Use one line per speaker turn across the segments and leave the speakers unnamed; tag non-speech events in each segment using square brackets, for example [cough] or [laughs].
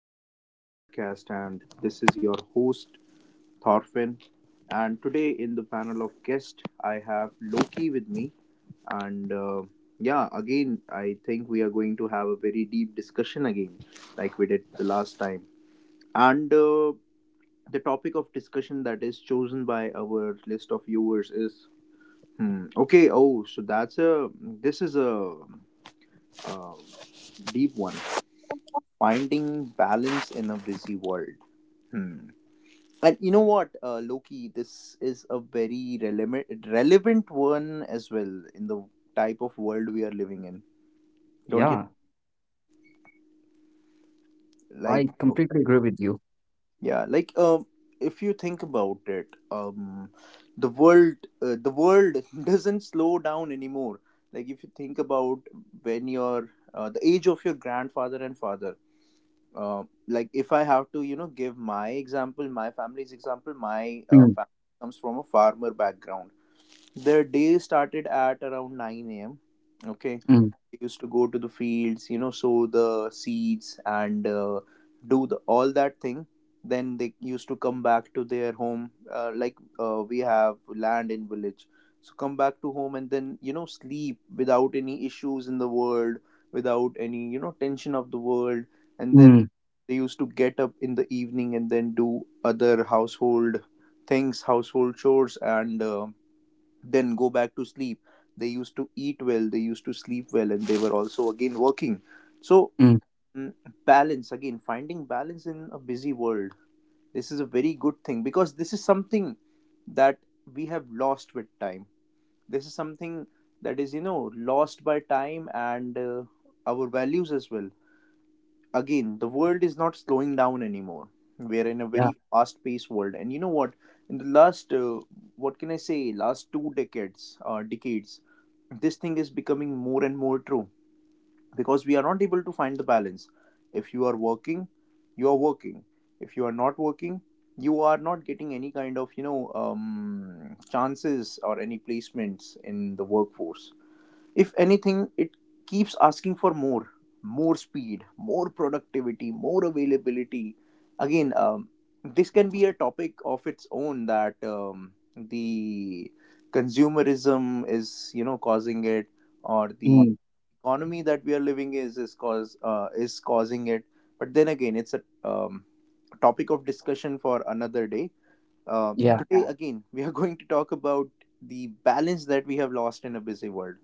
back to our podcast. And this is your host, Thorfinn. And today, in the panel of guests, I have Loki with me. And yeah, again, I think we are going to have a very deep discussion again, like we did the last time. And the topic of discussion that is chosen by our list of viewers is hmm, okay. Oh, so that's a this is a uh, deep one. Finding balance in a busy world. Hmm. And you know what, Loki, this is a very relevant one as well in the type of world we are living in. Don't
Yeah,
you
I
like?
completely agree with you.
Yeah, like if you think about it, the world the world [laughs] doesn't slow down anymore. Like if you think about when your the age of your grandfather and father like if I have to, you know, give my example, my family's example, my
Mm,
family comes from a farmer background. Their day started at around 9 a.m. Okay,
mm,
they used to go to the fields, you know, sow the seeds and do the, all that thing. Then they used to come back to their home, we have land in village. So come back to home and then, you know, sleep without any issues in the world, without any, you know, tension of the world. And then
mm,
they used to get up in the evening and then do other household things, household chores and. Then go back to sleep. They used to eat well, they used to sleep well, and they were also again working. So,
mm,
mm, balance again, finding balance in a busy world. This is a very good thing because this is something that we have lost with time. This is something that is, you know, lost by time and our values as well. Again, the world is not slowing down anymore. We are in a
yeah,
very fast-paced world, and you know what? In the last, what can I say, last two decades, this thing is becoming more and more true because we are not able to find the balance. If you are working, you are working. If you are not working, you are not getting any kind of, you know, chances or any placements in the workforce. If anything, it keeps asking for more, more speed, more productivity, more availability. Again, this can be a topic of its own that the consumerism is, you know, causing it, or the
mm,
economy that we are living is causing it. But then again, it's a topic of discussion for another day.
yeah.
Today, yeah, again, we are [laughs] going to talk about the balance that we have lost in a busy world.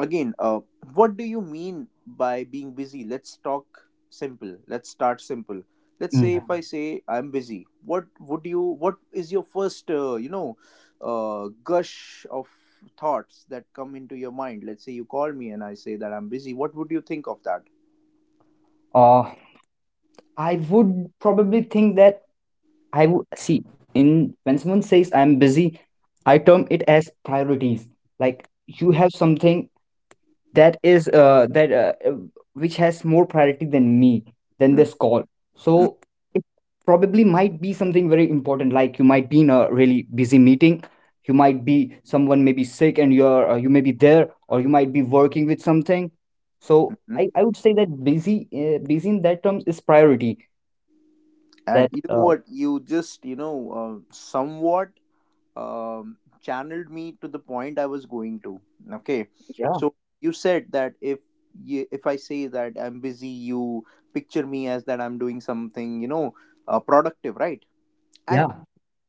Again, what do you mean by being busy? Let's talk simple. Let's start simple. Let's say
Mm.
if I say I'm busy, what would you? What is your first, gush of thoughts that come into your mind? Let's say you call me and I say that I'm busy. What would you think of that?
Uh, I would probably think that I would see in when someone says I'm busy, I term it as priorities. Like you have something that is that which has more priority than me than
Mhm.
this call, so it probably might be something very important. Like you might be in a really busy meeting, you might be someone may be sick and you may be there, or you might be working with something. so
Mhm.
i, I would say that busy in that terms is priority.
And
That
you know what? You just somewhat um, channeled me to the point I was going to. Okay,
Yeah,
so you said that if I say that I'm busy, you picture me as that I'm doing something, you know, productive, right? And
yeah.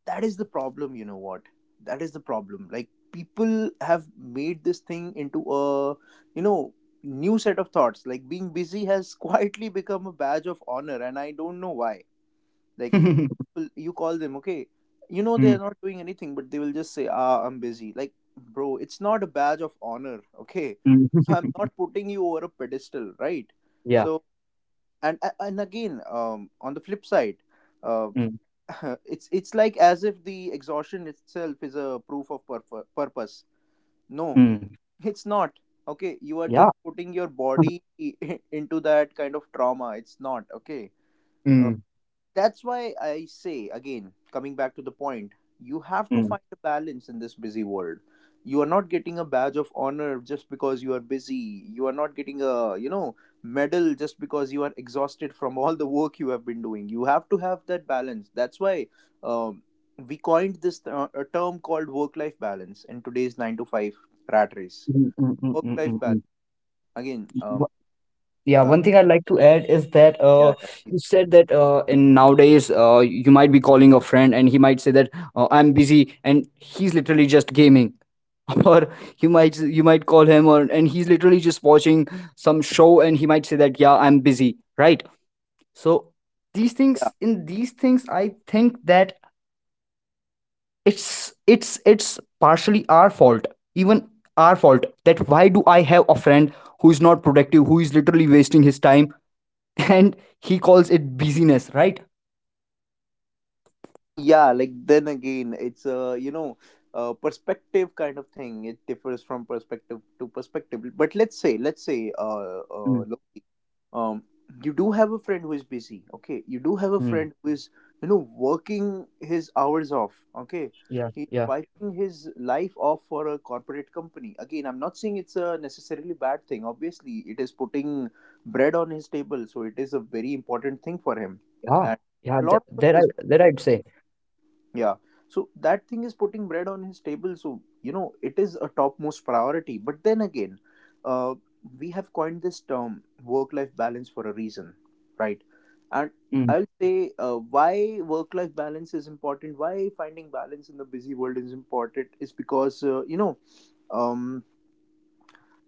that is the problem. You know what? That is the problem. Like people have made this thing into a, you know, new set of thoughts. Like being busy has [laughs] quietly become a badge of honor, and I don't know why. Like
[laughs]
people, you call them, okay, you know they are
Mm,
not doing anything, but they will just say, ah, I'm busy. Like, bro, it's not a badge of honor, okay?
mm.
[laughs] I'm not
[laughs]
putting you over a pedestal, right?
yeah
So and again, on the flip side, uh
mm,
[laughs] it's like as if the exhaustion itself is a proof of purpose. No,
mm,
[laughs] it's not, okay? You are
yeah.
just putting your
[laughs]
body [laughs] into that kind of trauma. It's not okay.
Mm,
That's why I say, again, coming back to the point, you have to
mm,
find a balance in this busy world. You are not getting a badge of honor just because you are busy. You are not getting a, you know, medal just because you are exhausted from all the work you have been doing. You have to have that balance. That's why um, we coined this a term called work life balance in today's 9 to 5 rat race.
mm, mm, mm,
Work
mm,
life
mm,
balance.
mm,
Again,
mm. Yeah,
uh,
one thing I'd like to add is that
yeah, yeah,
you
please.
said that in nowadays you might be calling a friend and he might say that I'm busy and he's literally just gaming, [laughs] or you might call him, or and he's literally just watching some show and he might say that yeah, I'm busy, right? So these
Yeah.
things in these things I think that it's it's partially our fault, even our fault. That why do I have a friend who is not productive, who is literally wasting his time, [laughs] and he calls it busyness, right?
Yeah, like then again, it's a, you know, perspective kind of thing. It differs from perspective to perspective. But let's say
Mm,
Loki, um you do have a friend who is busy, okay? You do have a
mm,
friend who is, you know, working his hours off, okay?
yeah,
He's
yeah,
wiping his life off for a corporate company. Again, I'm not saying it's a necessarily bad thing. Obviously, it is putting bread on his table, so it is a very important thing for him.
yeah,
And
yeah.
a lot
That,
of
that
us
I
as,
that I'd say.
yeah. So that thing is putting bread on his table. So, you know, it is a topmost priority. But then again, uh, we have coined this term work life balance for a reason, right? And
Mm,
I'll say why work life balance is important, why finding balance in the busy world is important is because, um,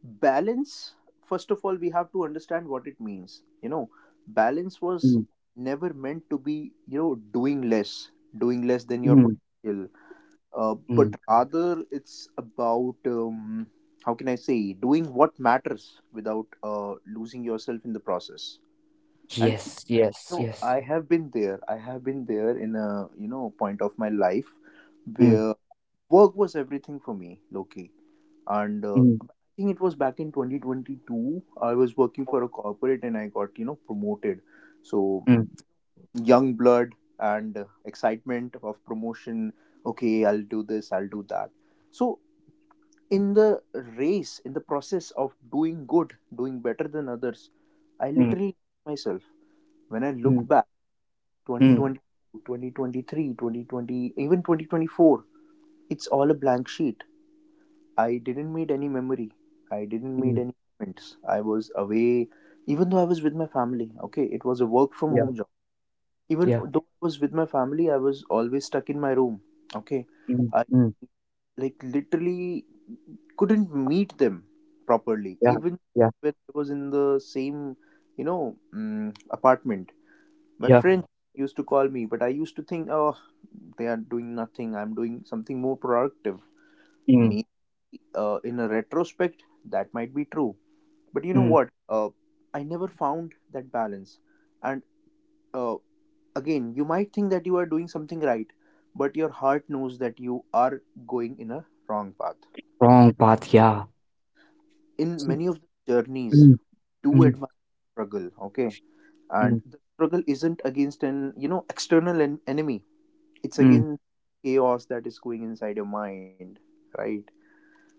balance, first of all, we have to understand what it means. You know, balance
mm,
was never meant to be, you know, doing less than your
mm,
potential,
mm.
but rather it's about, how can I say, doing what matters without losing yourself in the process. And you
Yes, yes,
know,
yes.
I have been there. I have been there in a, you know, point of my life
Mm,
where work was everything for me, Loki. And
mm,
I think it was back in 2022. I was working for a corporate and I got, you know, promoted. So
mm,
young blood and excitement of promotion. Okay, I'll do this. I'll do that. So in the race, in the process of doing good, doing better than others, I
mm,
literally ask myself, when I
mm,
look back, twenty
mm,
twenty, 2023, 2020, even 2024, it's all a blank sheet. I didn't made any memory. I didn't
mm.
made any moments. I was away. Even though I was with my family, okay, it was a work from
Yeah,
home job. Even
yeah,
though I was with my family, I was always stuck in my room, okay?
mm,
I,
mm,
like, literally couldn't meet them properly
yeah,
even
yeah,
when I was in the same, you know, apartment. My
yeah.
friends used to call me, but I used to think, oh, they are doing nothing, I'm doing something more productive
Mm,
me. In a retrospect, that might be true, but you know
mm.
what, uh, I never found that balance. And uh, again, you might think that you are doing something right, but your heart knows that you are going in a wrong path.
Wrong path, yeah.
In
See,
many of the journeys,
Mm,
do
mm,
admire struggle, okay? And
mm,
the struggle isn't against an, you know, external enemy. It's
mm.
against chaos that is going inside your mind, right?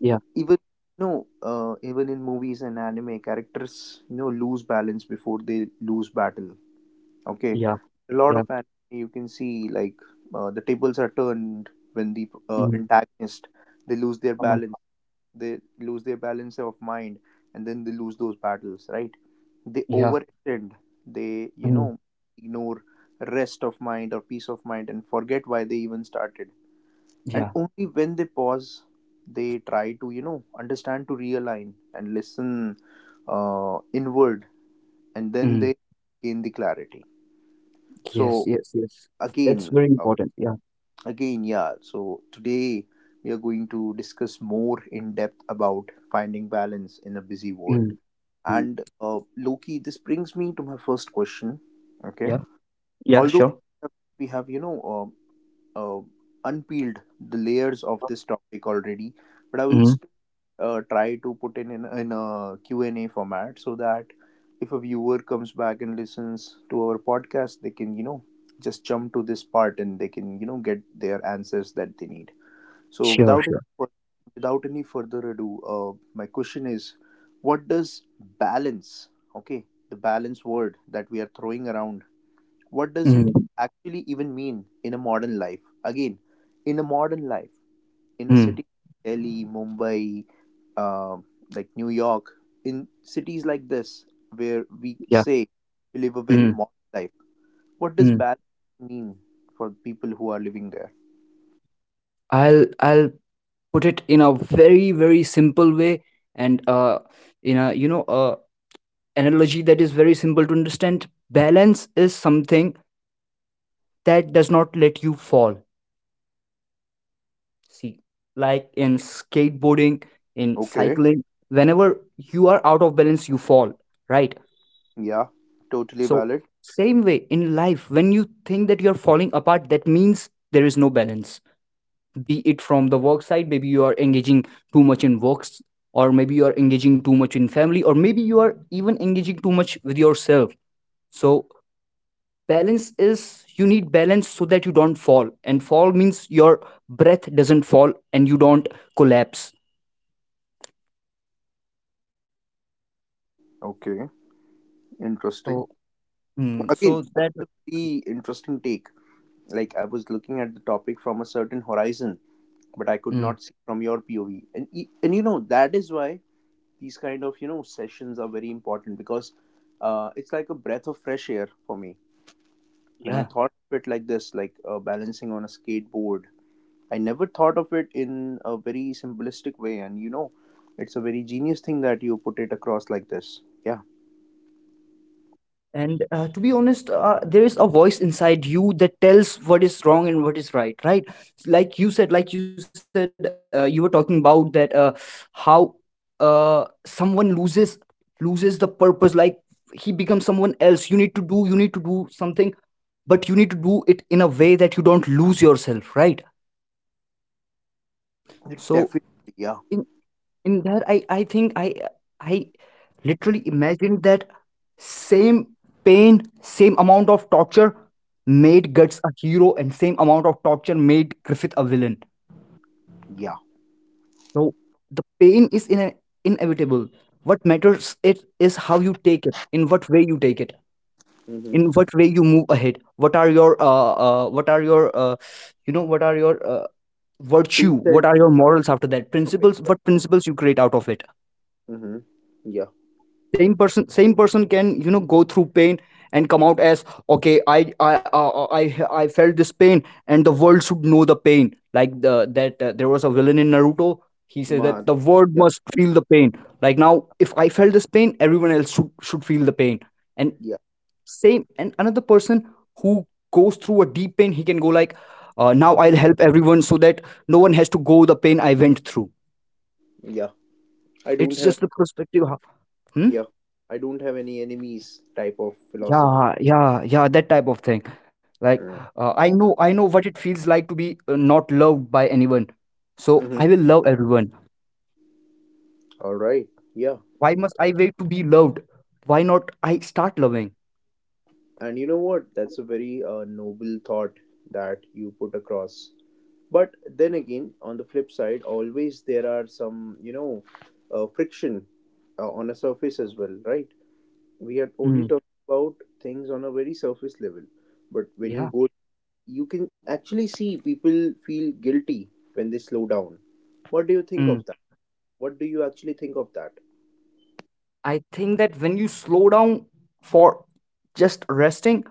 yeah,
Even no, even in movies and anime, characters, you know, lose balance before they lose battle, okay?
yeah,
A lot of
yeah.
anime you can see, like, the tables are turned when the
Mm,
antagonist, they lose their
come on.
balance, they lose their balance of mind, and then they lose those battles, right? They
Yeah,
overextend, they, you
mm,
know, ignore rest of mind or peace of mind and forget why they even started. And
yeah,
only when they pause, they try to, you know, understand, to realign and listen inward, and then
mm.
they gain the clarity.
Yes,
So
yes, yes. That's
again,
very
uh,
important. Yeah.
again yeah, so today we are going to discuss more in depth about finding balance in a busy world.
Mm, mm.
And Loki, this brings me to my first question. Okay,
Yeah. Yeah,
although
sure.
we have, you know, uh, unpeeled the layers of this topic already, but I will
Mm,
still try to put in a Q&A format so that if a viewer comes back and listens to our podcast, they can, you know, just jump to this part and they can, you know, get their answers that they need. So
sure,
without
sure.
any without any further ado, my question is, what does balance, okay, the balance word that we are throwing around, what does it
Mm,
actually even mean in a modern life? Again, in a modern life, in a
mm,
city like Delhi, Mumbai, um, like New York, in cities like this, where we
yeah,
say we live a very
mm,
modern life, what does
mm.
balance mean for people who are living there?
I'll put it in a very very simple way, and in a analogy that is very simple to understand. Balance is something that does not let you fall. See, like in skateboarding, in
Okay.
cycling, whenever you are out of balance, you fall, right?
Yeah, totally
So
valid.
same way in life, when you think that you are falling apart, that means there is no balance. Be it from the work side, maybe you are engaging too much in works, or maybe you are engaging too much in family, or maybe you are even engaging too much with yourself. So balance is, you need balance so that you don't fall, and fall means your breath doesn't fall and you don't collapse.
Okay. Interesting.
So
Again,
so
that's
that
a very interesting take. Like, I was looking at the topic from a certain horizon, but I could
mm,
not see from your POV. And you know that is why these kind of sessions are very important because it's like a breath of fresh air for me.
yeah
When I thought of it like this, like balancing on a skateboard, I never thought of it in a very simplistic way. And you know, it's a very genius thing that you put it across like this. Yeah,
and to be honest, there is a voice inside you that tells what is wrong and what is right, right? Like you said, you were talking about that how someone loses the purpose, like he becomes someone else. You need to do something, but you need to do it in a way that you don't lose yourself, right?
it
So
definitely. Yeah,
in that, I think I literally imagined that same pain, same amount of torture made Guts a hero, and same amount of torture made Griffith a villain.
yeah.
So the pain is in inevitable. What matters it is how you take it, in what way you take it,
Mm-hmm.
in what way you move ahead. What are your what are your you know what are your
Two
virtue,
cent
what are your morals after that,
topic.
principles,
Yeah.
what principles you create out of it.
Mm-hmm. Yeah.
Same person can, you know, go through pain and come out as okay. I i, I felt this pain, and the world should know the pain. Like the that there was a villain in Naruto. He says
Ma.
that the world
Yeah.
must feel the pain. Like now, if I felt this pain, everyone else should feel the pain. And
Yeah.
same, and another person who goes through a deep pain, he can go like, now I'll help everyone so that no one has to go the pain I went through.
Yeah. I don't
It's
have.
just the perspective. Hmm?
Yeah, I don't have any enemies type of philosophy.
Yeah, yeah, yeah, that type of thing. Like, I know what it feels like to be not loved by anyone. So
Mm-hmm.
I will love everyone.
All right. Yeah.
Why must I wait to be loved? Why not I start loving?
And you know what? That's a very noble thought that you put across. But then again, on the flip side, always there are some, you know, friction on a surface as well, right? We are only
Mm,
talking about things on a very surface level. But when you
yeah.
go, you can actually see people feel guilty when they slow down. What do you think
Mm.
of that? What do you actually think of that?
I think that when you slow down for just resting,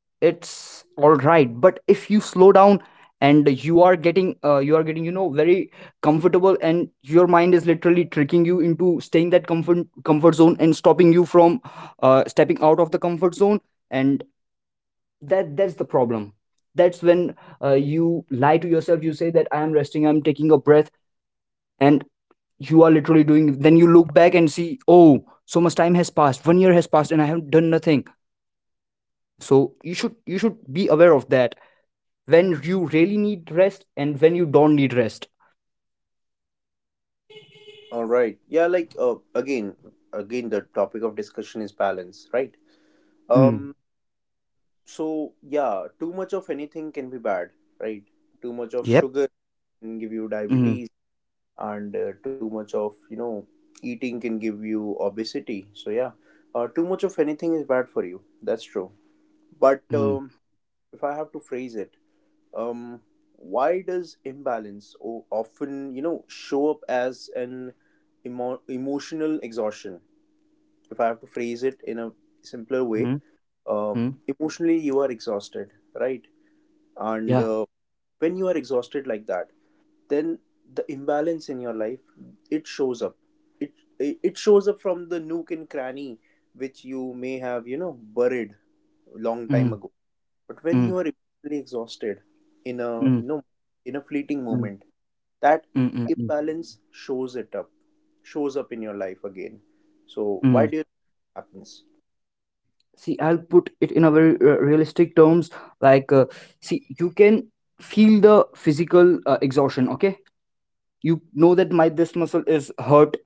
it's all right. But if you slow down and you are getting you are getting, you know, very comfortable, and your mind is literally tricking you into staying that comfort zone and stopping you from stepping out of the comfort zone, and that's the problem. That's when you lie to yourself, you say that I am resting, I'm taking a breath, and you are literally doing, then you look back and see, oh, so much time has passed, 1 year has passed, and I haven't done nothing. So you should be aware of that, when you really need rest and when you don't need rest.
All right. Yeah, like again, again, the topic of discussion is balance, right?
Mm.
Um. So yeah, too much of anything can be bad, right? Too much of
Yep.
sugar can give you
Mm.
diabetes, and too much of eating can give you obesity. So yeah, too much of anything is bad for you. That's true. But
Mm.
um, if I have to phrase it, um, why does imbalance often show up as an emotional exhaustion? If I have to phrase it in a simpler way,
Mm.
uh,
Mm.
emotionally you are exhausted, right? And
Yeah.
when you are exhausted like that, then the imbalance in your life it shows up. It it shows up from the nook and cranny which you may have buried long time
Mm.
ago. But when
Mm.
you are emotionally exhausted in a
Mm.
you know in a fleeting
Mm.
moment, that
Mm. Mm. Mm.
imbalance shows it up, shows up in your life again. So
Mm.
why do you think it happens?
See, I'll put it in a very realistic terms. Like, see, you can feel the physical exhaustion. Okay, you know that my this muscle is hurt.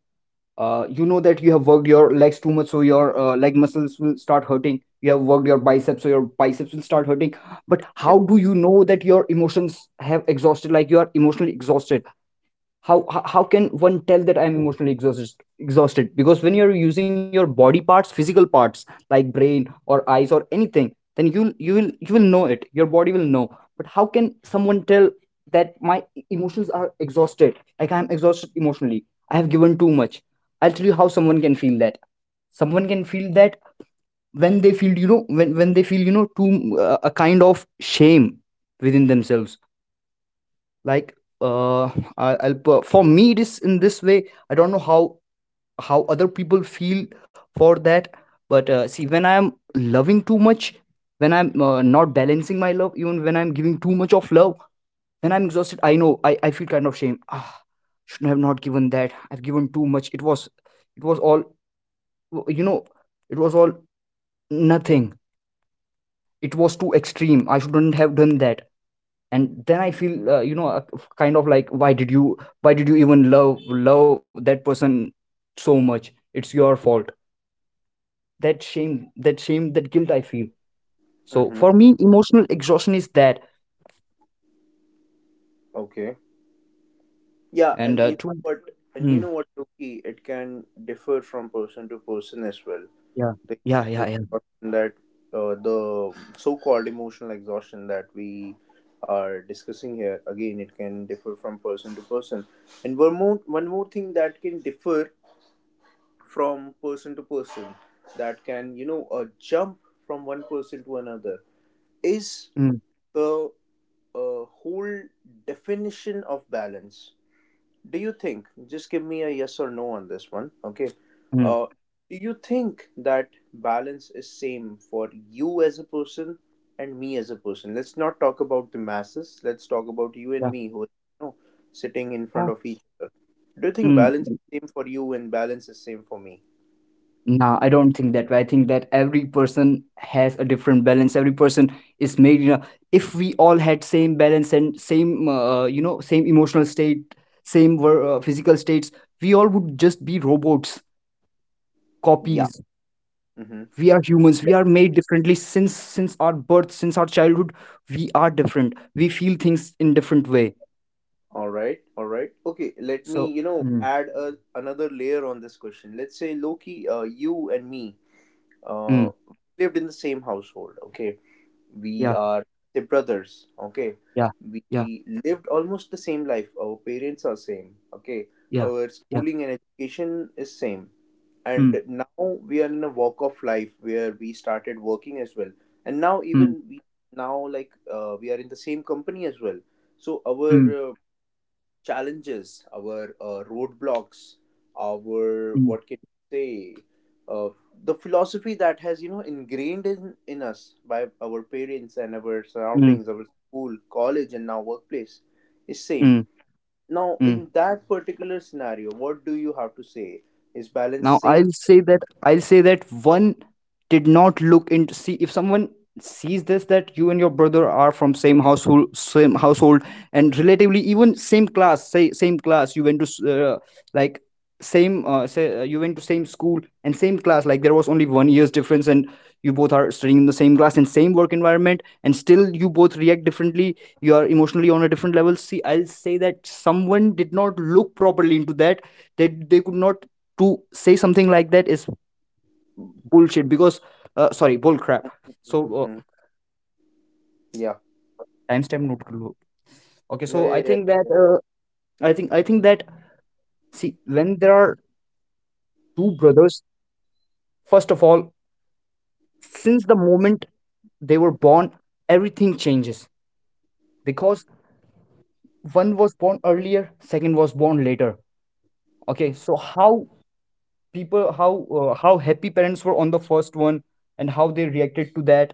You know that you have worked your legs too much, so your leg muscles will start hurting. You have worked your biceps, so your biceps will start hurting. But how do you know that your emotions have exhausted, like you are emotionally exhausted? How can one tell that I'm emotionally exhausted? Because when you're using your body parts, physical parts, like brain or eyes or anything, then you will you will you will know it, your body will know. But how can someone tell that my emotions are exhausted, like I'm exhausted emotionally, I have given too much? I'll tell you how someone can feel that. Someone can feel that when they feel, you know, when they feel, you know, too a kind of shame within themselves. Like uh for me it is in this way, I don't know how other people feel for that. But see, when I'm loving too much, when I'm not balancing my love, even when I'm giving too much of love, when I'm exhausted, I know I feel kind of shame. Ah, shouldn't have not given that, I've given too much. It was, it was all, you know, it was all nothing, it was too extreme, I shouldn't have done that. And then I feel kind of like, why did you, why did you even love, love that person so much? It's your fault. That shame, that shame, that guilt I feel. So for
Mm-hmm.
me, emotional exhaustion is that.
Okay. Yeah,
And
and you know what? And
mm,
you know what, Loki? It can differ from person to person as well.
yeah,
The
yeah, yeah,
emotional
yeah,
exhaustion that the so-called emotional exhaustion that we are discussing here, again, it can differ from person to person. And one more, thing that can differ from person to person, that can jump from one person to another, is
mm,
the whole definition of balance. Do you think, just give me a yes or no on this one, okay?
mm,
uh do you think that balance is same for you as a person and me as a person? Let's not talk about the masses, let's talk about you and
yeah.
me, who is you know sitting in front
Ah,
of each. Do you think
mm.
balance is same for you and balance is same for me?
Nah, I don't think that way. I think that every person has a different balance. Every person is made, you know, if we all had same balance and same, you know, same emotional state, same physical states, we all would just be robots,
Yeah.
copies.
Mm-hmm.
We are humans. We are made differently since our birth, since our childhood. We are different. We feel things in different way.
All right, all right, okay, let me
So,
you know
mm,
add another layer on this question. Let's say, Loki, you and me
mm,
uh lived in the same household, okay? We
yeah,
are the brothers, okay?
yeah, yeah,
We lived almost the same life, our parents are same, okay?
yeah,
Our
yeah.
schooling and education is same.
Mm,
And now we are in a walk of life where we started working as well, and now
mm,
even we now like we are in the same company as well. So
mm,
our challenges, our roadblocks, our
mm,
what can you say, uh, the philosophy that has you know ingrained in us by our parents and our
mm,
surroundings, our school, college, and now workplace is same.
mm,
Now,
mm.
in that particular scenario, what do you have to say? Is balance
Now
same?
I'll say that, one did not look into, see, if someone sees this, that you and your brother are from same household, same household, and relatively even same class, say same class, you went to s- like same say you went to same school and same class, like there was only 1 year's difference, and you both are studying in the same class and same work environment, and still you both react differently, you are emotionally on a different level. See, I'll say that someone did not look properly into that, they could not. To say something like that is bullshit, because, sorry, bull crap. So
Mhm. Yeah.
timestamp not clue. Okay,
Yeah,
so I
yeah,
think that
yeah.
I think that, see, when there are two brothers, first of all, since the moment they were born, everything changes, because one was born earlier, second was born later. Okay, so how people, how happy parents were on the first one, and how they reacted to that.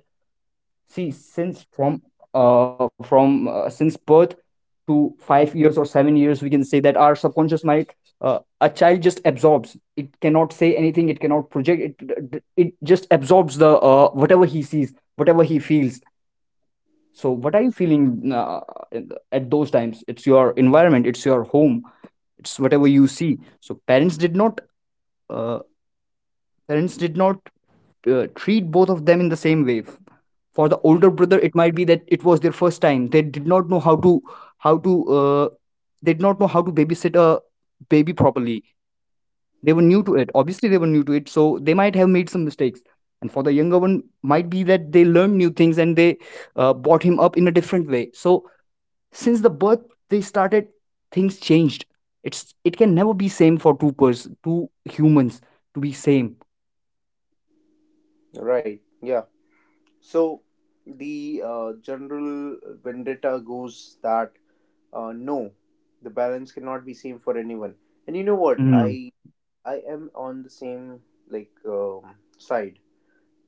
See, since from since birth to 5 years or 7 years, we can say that our subconscious mind, a child just absorbs. It cannot say anything. It cannot project. It just absorbs the whatever he sees, whatever he feels. So, what are you feeling at those times? It's your environment. It's your home. It's whatever you see. So, parents did not. Uh, parents did not treat both of them in the same way. For the older brother, it might be that it was their first time, they did not know how to, how to uh, they did not know how to babysit a baby properly, they were new to it, obviously they were new to it, so they might have made some mistakes. And for the younger one, might be that they learned new things and they brought him up in a different way. So since the birth, they started, things changed. It can never be same for two person, two humans to be same.
Right. Yeah. So the general vendetta goes that no, the balance cannot be same for anyone. And you know what,
Mm.
I am on the same like side.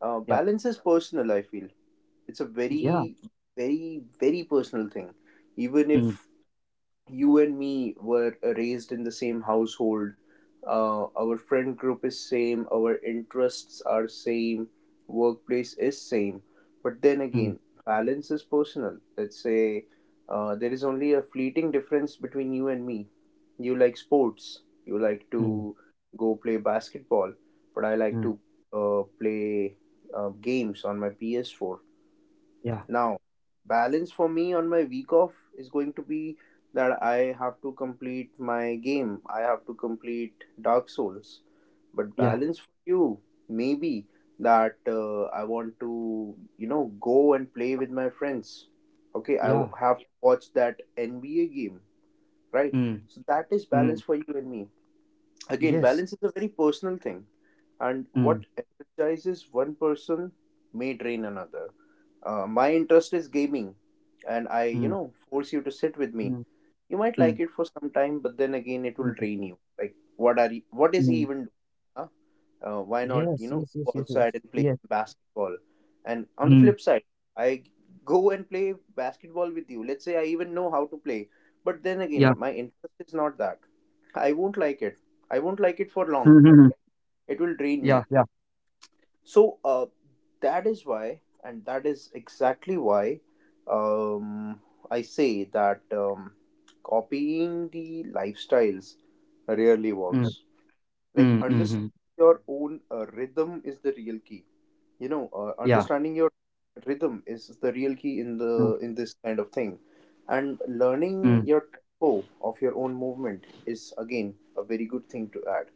yeah
Balance is personal, I feel. It's a
yeah
very very very personal thing. Even
mm,
if you and me were raised in the same household, our friend group is same, our interests are same, workplace is same, but then
mm,
again, balance is personal. Let's say there is only a fleeting difference between you and me. You like sports, you like
mm,
to go play basketball, but I like
mm.
to play games on my PS4.
yeah
Now, balance for me on my week off is going to be that I have to complete my game. I have to complete Dark Souls. But
yeah
balance for you, maybe that I want to, you know, go and play with my friends. Okay,
Yeah.
have to watch that NBA game, right?
Mm.
So that is
Mm.
balance for you and me. Again,
Yes.
balance is a very personal thing, and
Mm.
what energizes one person may drain another. My interest is gaming, and I, you
Mm.
know, force you to sit with me.
Mm.
You might
Mm.
like it for some time, but then again, it will
Mm.
drain you. Like, what is he
Mm.
even doing? Huh? Why not,
Yes.
you know,
Yes. Yes.
go
Yes. Yes.
outside and play
Yes.
basketball? And on the
Mm.
flip side, I go and play basketball with you. Let's say I even know how to play, but then again,
Yeah.
my interest is not that. I won't like it. I won't like it for long.
Mm-hmm.
It will drain
Yeah.
me.
Yeah.
So that is why, and that is exactly why um, I say that copying the lifestyles rarely
Mm.
works.
Mm.
Like
Mm-hmm.
understanding your own rhythm is the real key. You know,
Yeah.
understanding your rhythm is the real key in
Mm.
the in this kind of thing, and
Mm.
learning your tempo of your own movement is again a very good thing to add.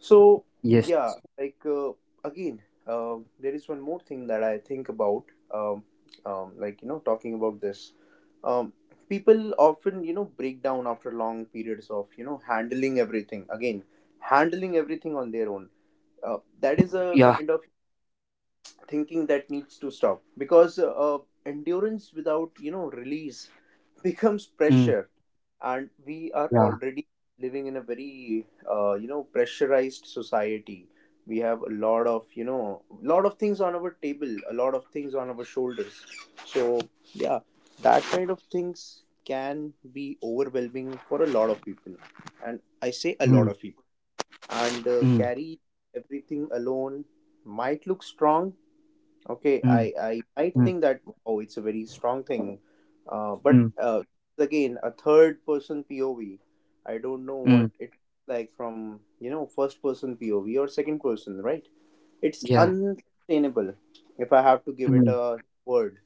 So
Yes.
yeah, like again, there is one more thing that I think about. Um, like you know, talking about this, um, people often you know break down after long periods of you know handling everything. Again, handling everything on their own. That is a
Yeah.
kind of thinking that needs to stop because endurance without you know release becomes
Mm.
pressure, and we are
Yeah.
already living in a very you know pressurized society. We have a lot of you know lot of things on our table, a lot of things on our shoulders. So yeah, that kind of things can be overwhelming for a lot of people, and I say a lot
Mm.
of people. And
Mm.
carry everything alone might look strong. Okay,
Mm.
I might
Mm.
think that wow, it's a very strong thing, uh,
Mm.
but uh, again, a third person POV. I don't know
Mm.
what it like from you know first person POV or second person, right? It's
Yeah.
unsustainable if I have to give it
Mm.
a word.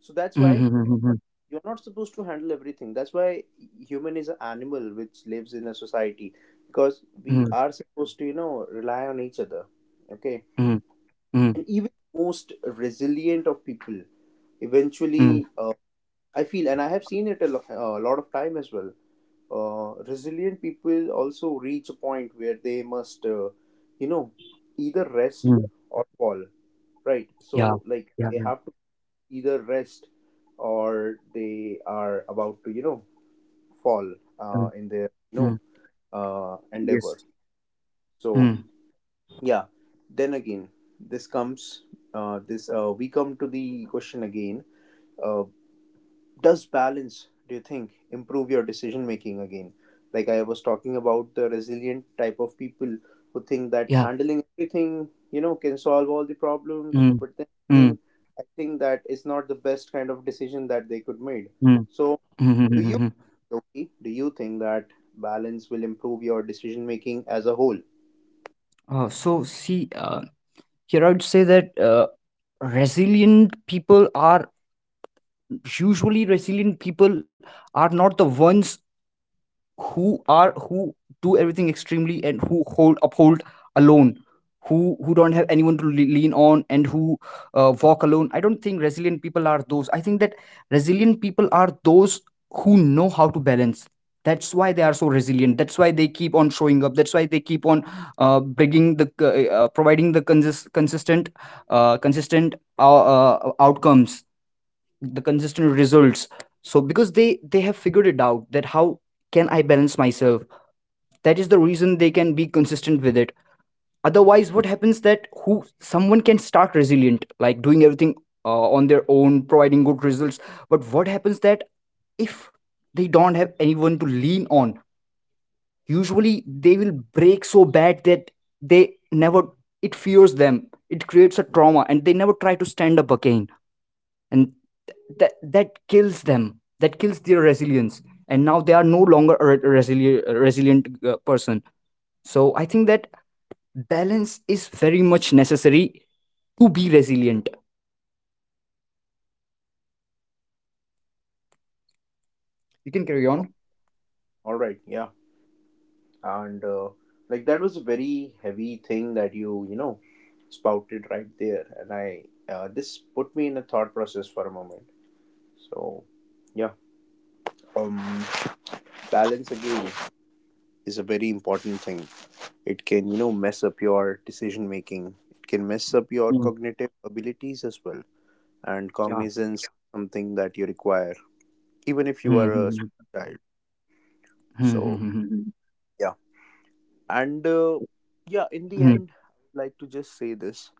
So that's why
Mm-hmm.
you're not supposed to handle everything. That's why human is an animal which lives in a society, because we
Mm.
are supposed to you know rely on each other. Okay,
Mm. Mm.
and even most resilient of people
Mm.
eventually I feel, and I have seen it a lot of time as well, resilient people also reach a point where they must you know either rest
Mm.
or fall, right? So
Yeah.
like
Yeah.
they
Yeah.
have to either rest or they are about to you know fall
Mm.
in their you know
Mm. Yes.
endeavor. So
Mm.
yeah, then again, this comes this we come to the question again. Uh, does balance, do you think, improve your decision making? Again, like I was talking about the resilient type of people who think that
Yeah.
handling everything you know can solve all the problems,
Mm.
but then
Mm.
again, I think that it's not the best kind of decision that they could made.
Mm.
So do you,
Mm-hmm.
Loki, do you think that balance will improve your decision making as a whole?
Uh, so see, uh, Here I would say that resilient people are, usually resilient people are not the ones who do everything extremely, and who hold uphold alone, who don't have anyone to lean on, and who walk alone. I don't think resilient people are those. I think that resilient people are those who know how to balance. That's why they are so resilient, that's why they keep on showing up, that's why they keep on bringing the, providing the consistent, outcomes, the consistent results. So because they have figured it out that how can I balance myself, that is the reason they can be consistent with it. Otherwise, what happens that, who, someone can start resilient, like doing everything on their own, providing good results, but what happens that if they don't have anyone to lean on, usually they will break so bad that they never, it fears them, it creates a trauma, and they never try to stand up again. And that kills them, that kills their resilience, and now they are no longer a resilient person. So I think that balance is very much necessary to be resilient, you can carry on.
All right, yeah. And like that was a very heavy thing that you know spouted right there, and I this put me in a thought process for a moment. So yeah, um balance again is a very important thing. It can you know mess up your decision making, it can mess up your
Mm,
cognitive abilities as well, and
yeah
cognizance is something that you require even if you
Hmm,
are a
hmm, hmm,
small child.
hmm, hmm,
So
hmm, hmm, hmm,
yeah, and yeah, in the
hmm,
end I would like to just say this.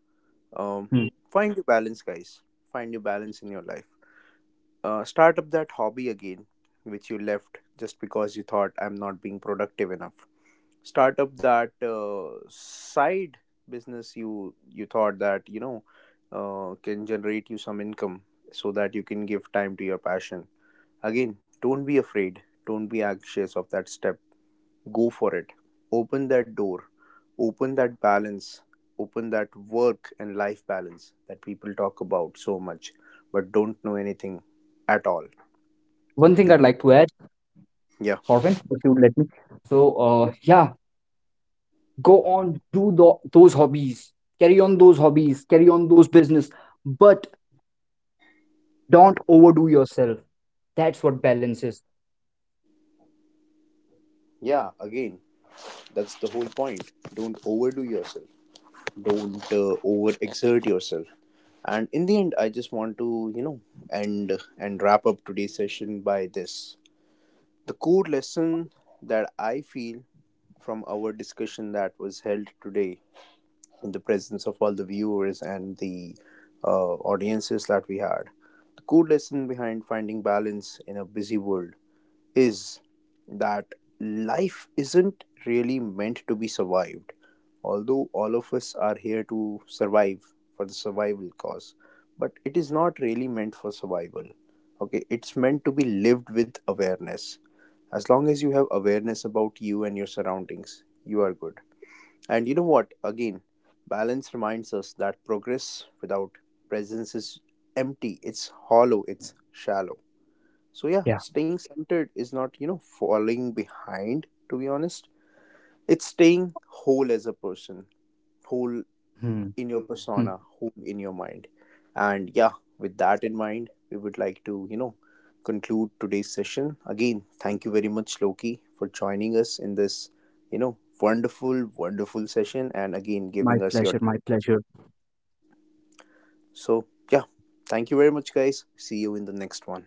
Um,
hmm.
Find your balance, guys. Find your balance in your life. Start up that hobby again, which you left just because you thought I'm not being productive enough. Start up that side business you you thought that you know can generate you some income so that you can give time to your passion. Again, don't be afraid. Don't be anxious of that step. Go for it. Open that door. Open that balance. Open that work and life balance that people talk about so much but don't know anything at all.
One thing
Do,
I'd like to add,
yeah.
Corvin, if you would let me. So yeah, go on, do the, those hobbies, carry on those hobbies, carry on those business, but don't overdo yourself. That's what balance is.
Yeah, again, that's the whole point. Don't overdo yourself. Don't overexert yourself. And in the end, I just want to, you know, end and wrap up today's session by this. The core lesson that I feel from our discussion that was held today in the presence of all the viewers and the audiences that we had. The core lesson behind finding balance in a busy world is that life isn't really meant to be survived, although all of us are here to survive for the survival cause, but it is not really meant for survival. Okay, it's meant to be lived with awareness. As long as you have awareness about you and your surroundings, you are good. And you know what? Again, balance reminds us that progress without presence is empty, it's hollow, it's shallow. So, yeah,
Yeah.
staying centered is not, you know, falling behind, to be honest. It's staying whole as a person, whole
Hmm,
in your
hmm.
persona, home in your mind. And yeah, with that in mind, we would like to, you know, conclude today's session. Again, thank you very much, Loki, for joining us in this, you know, wonderful, wonderful session, and again
My
giving us
pleasure,
your.
my pleasure.
So, yeah, thank you very much, guys. See you in the next one.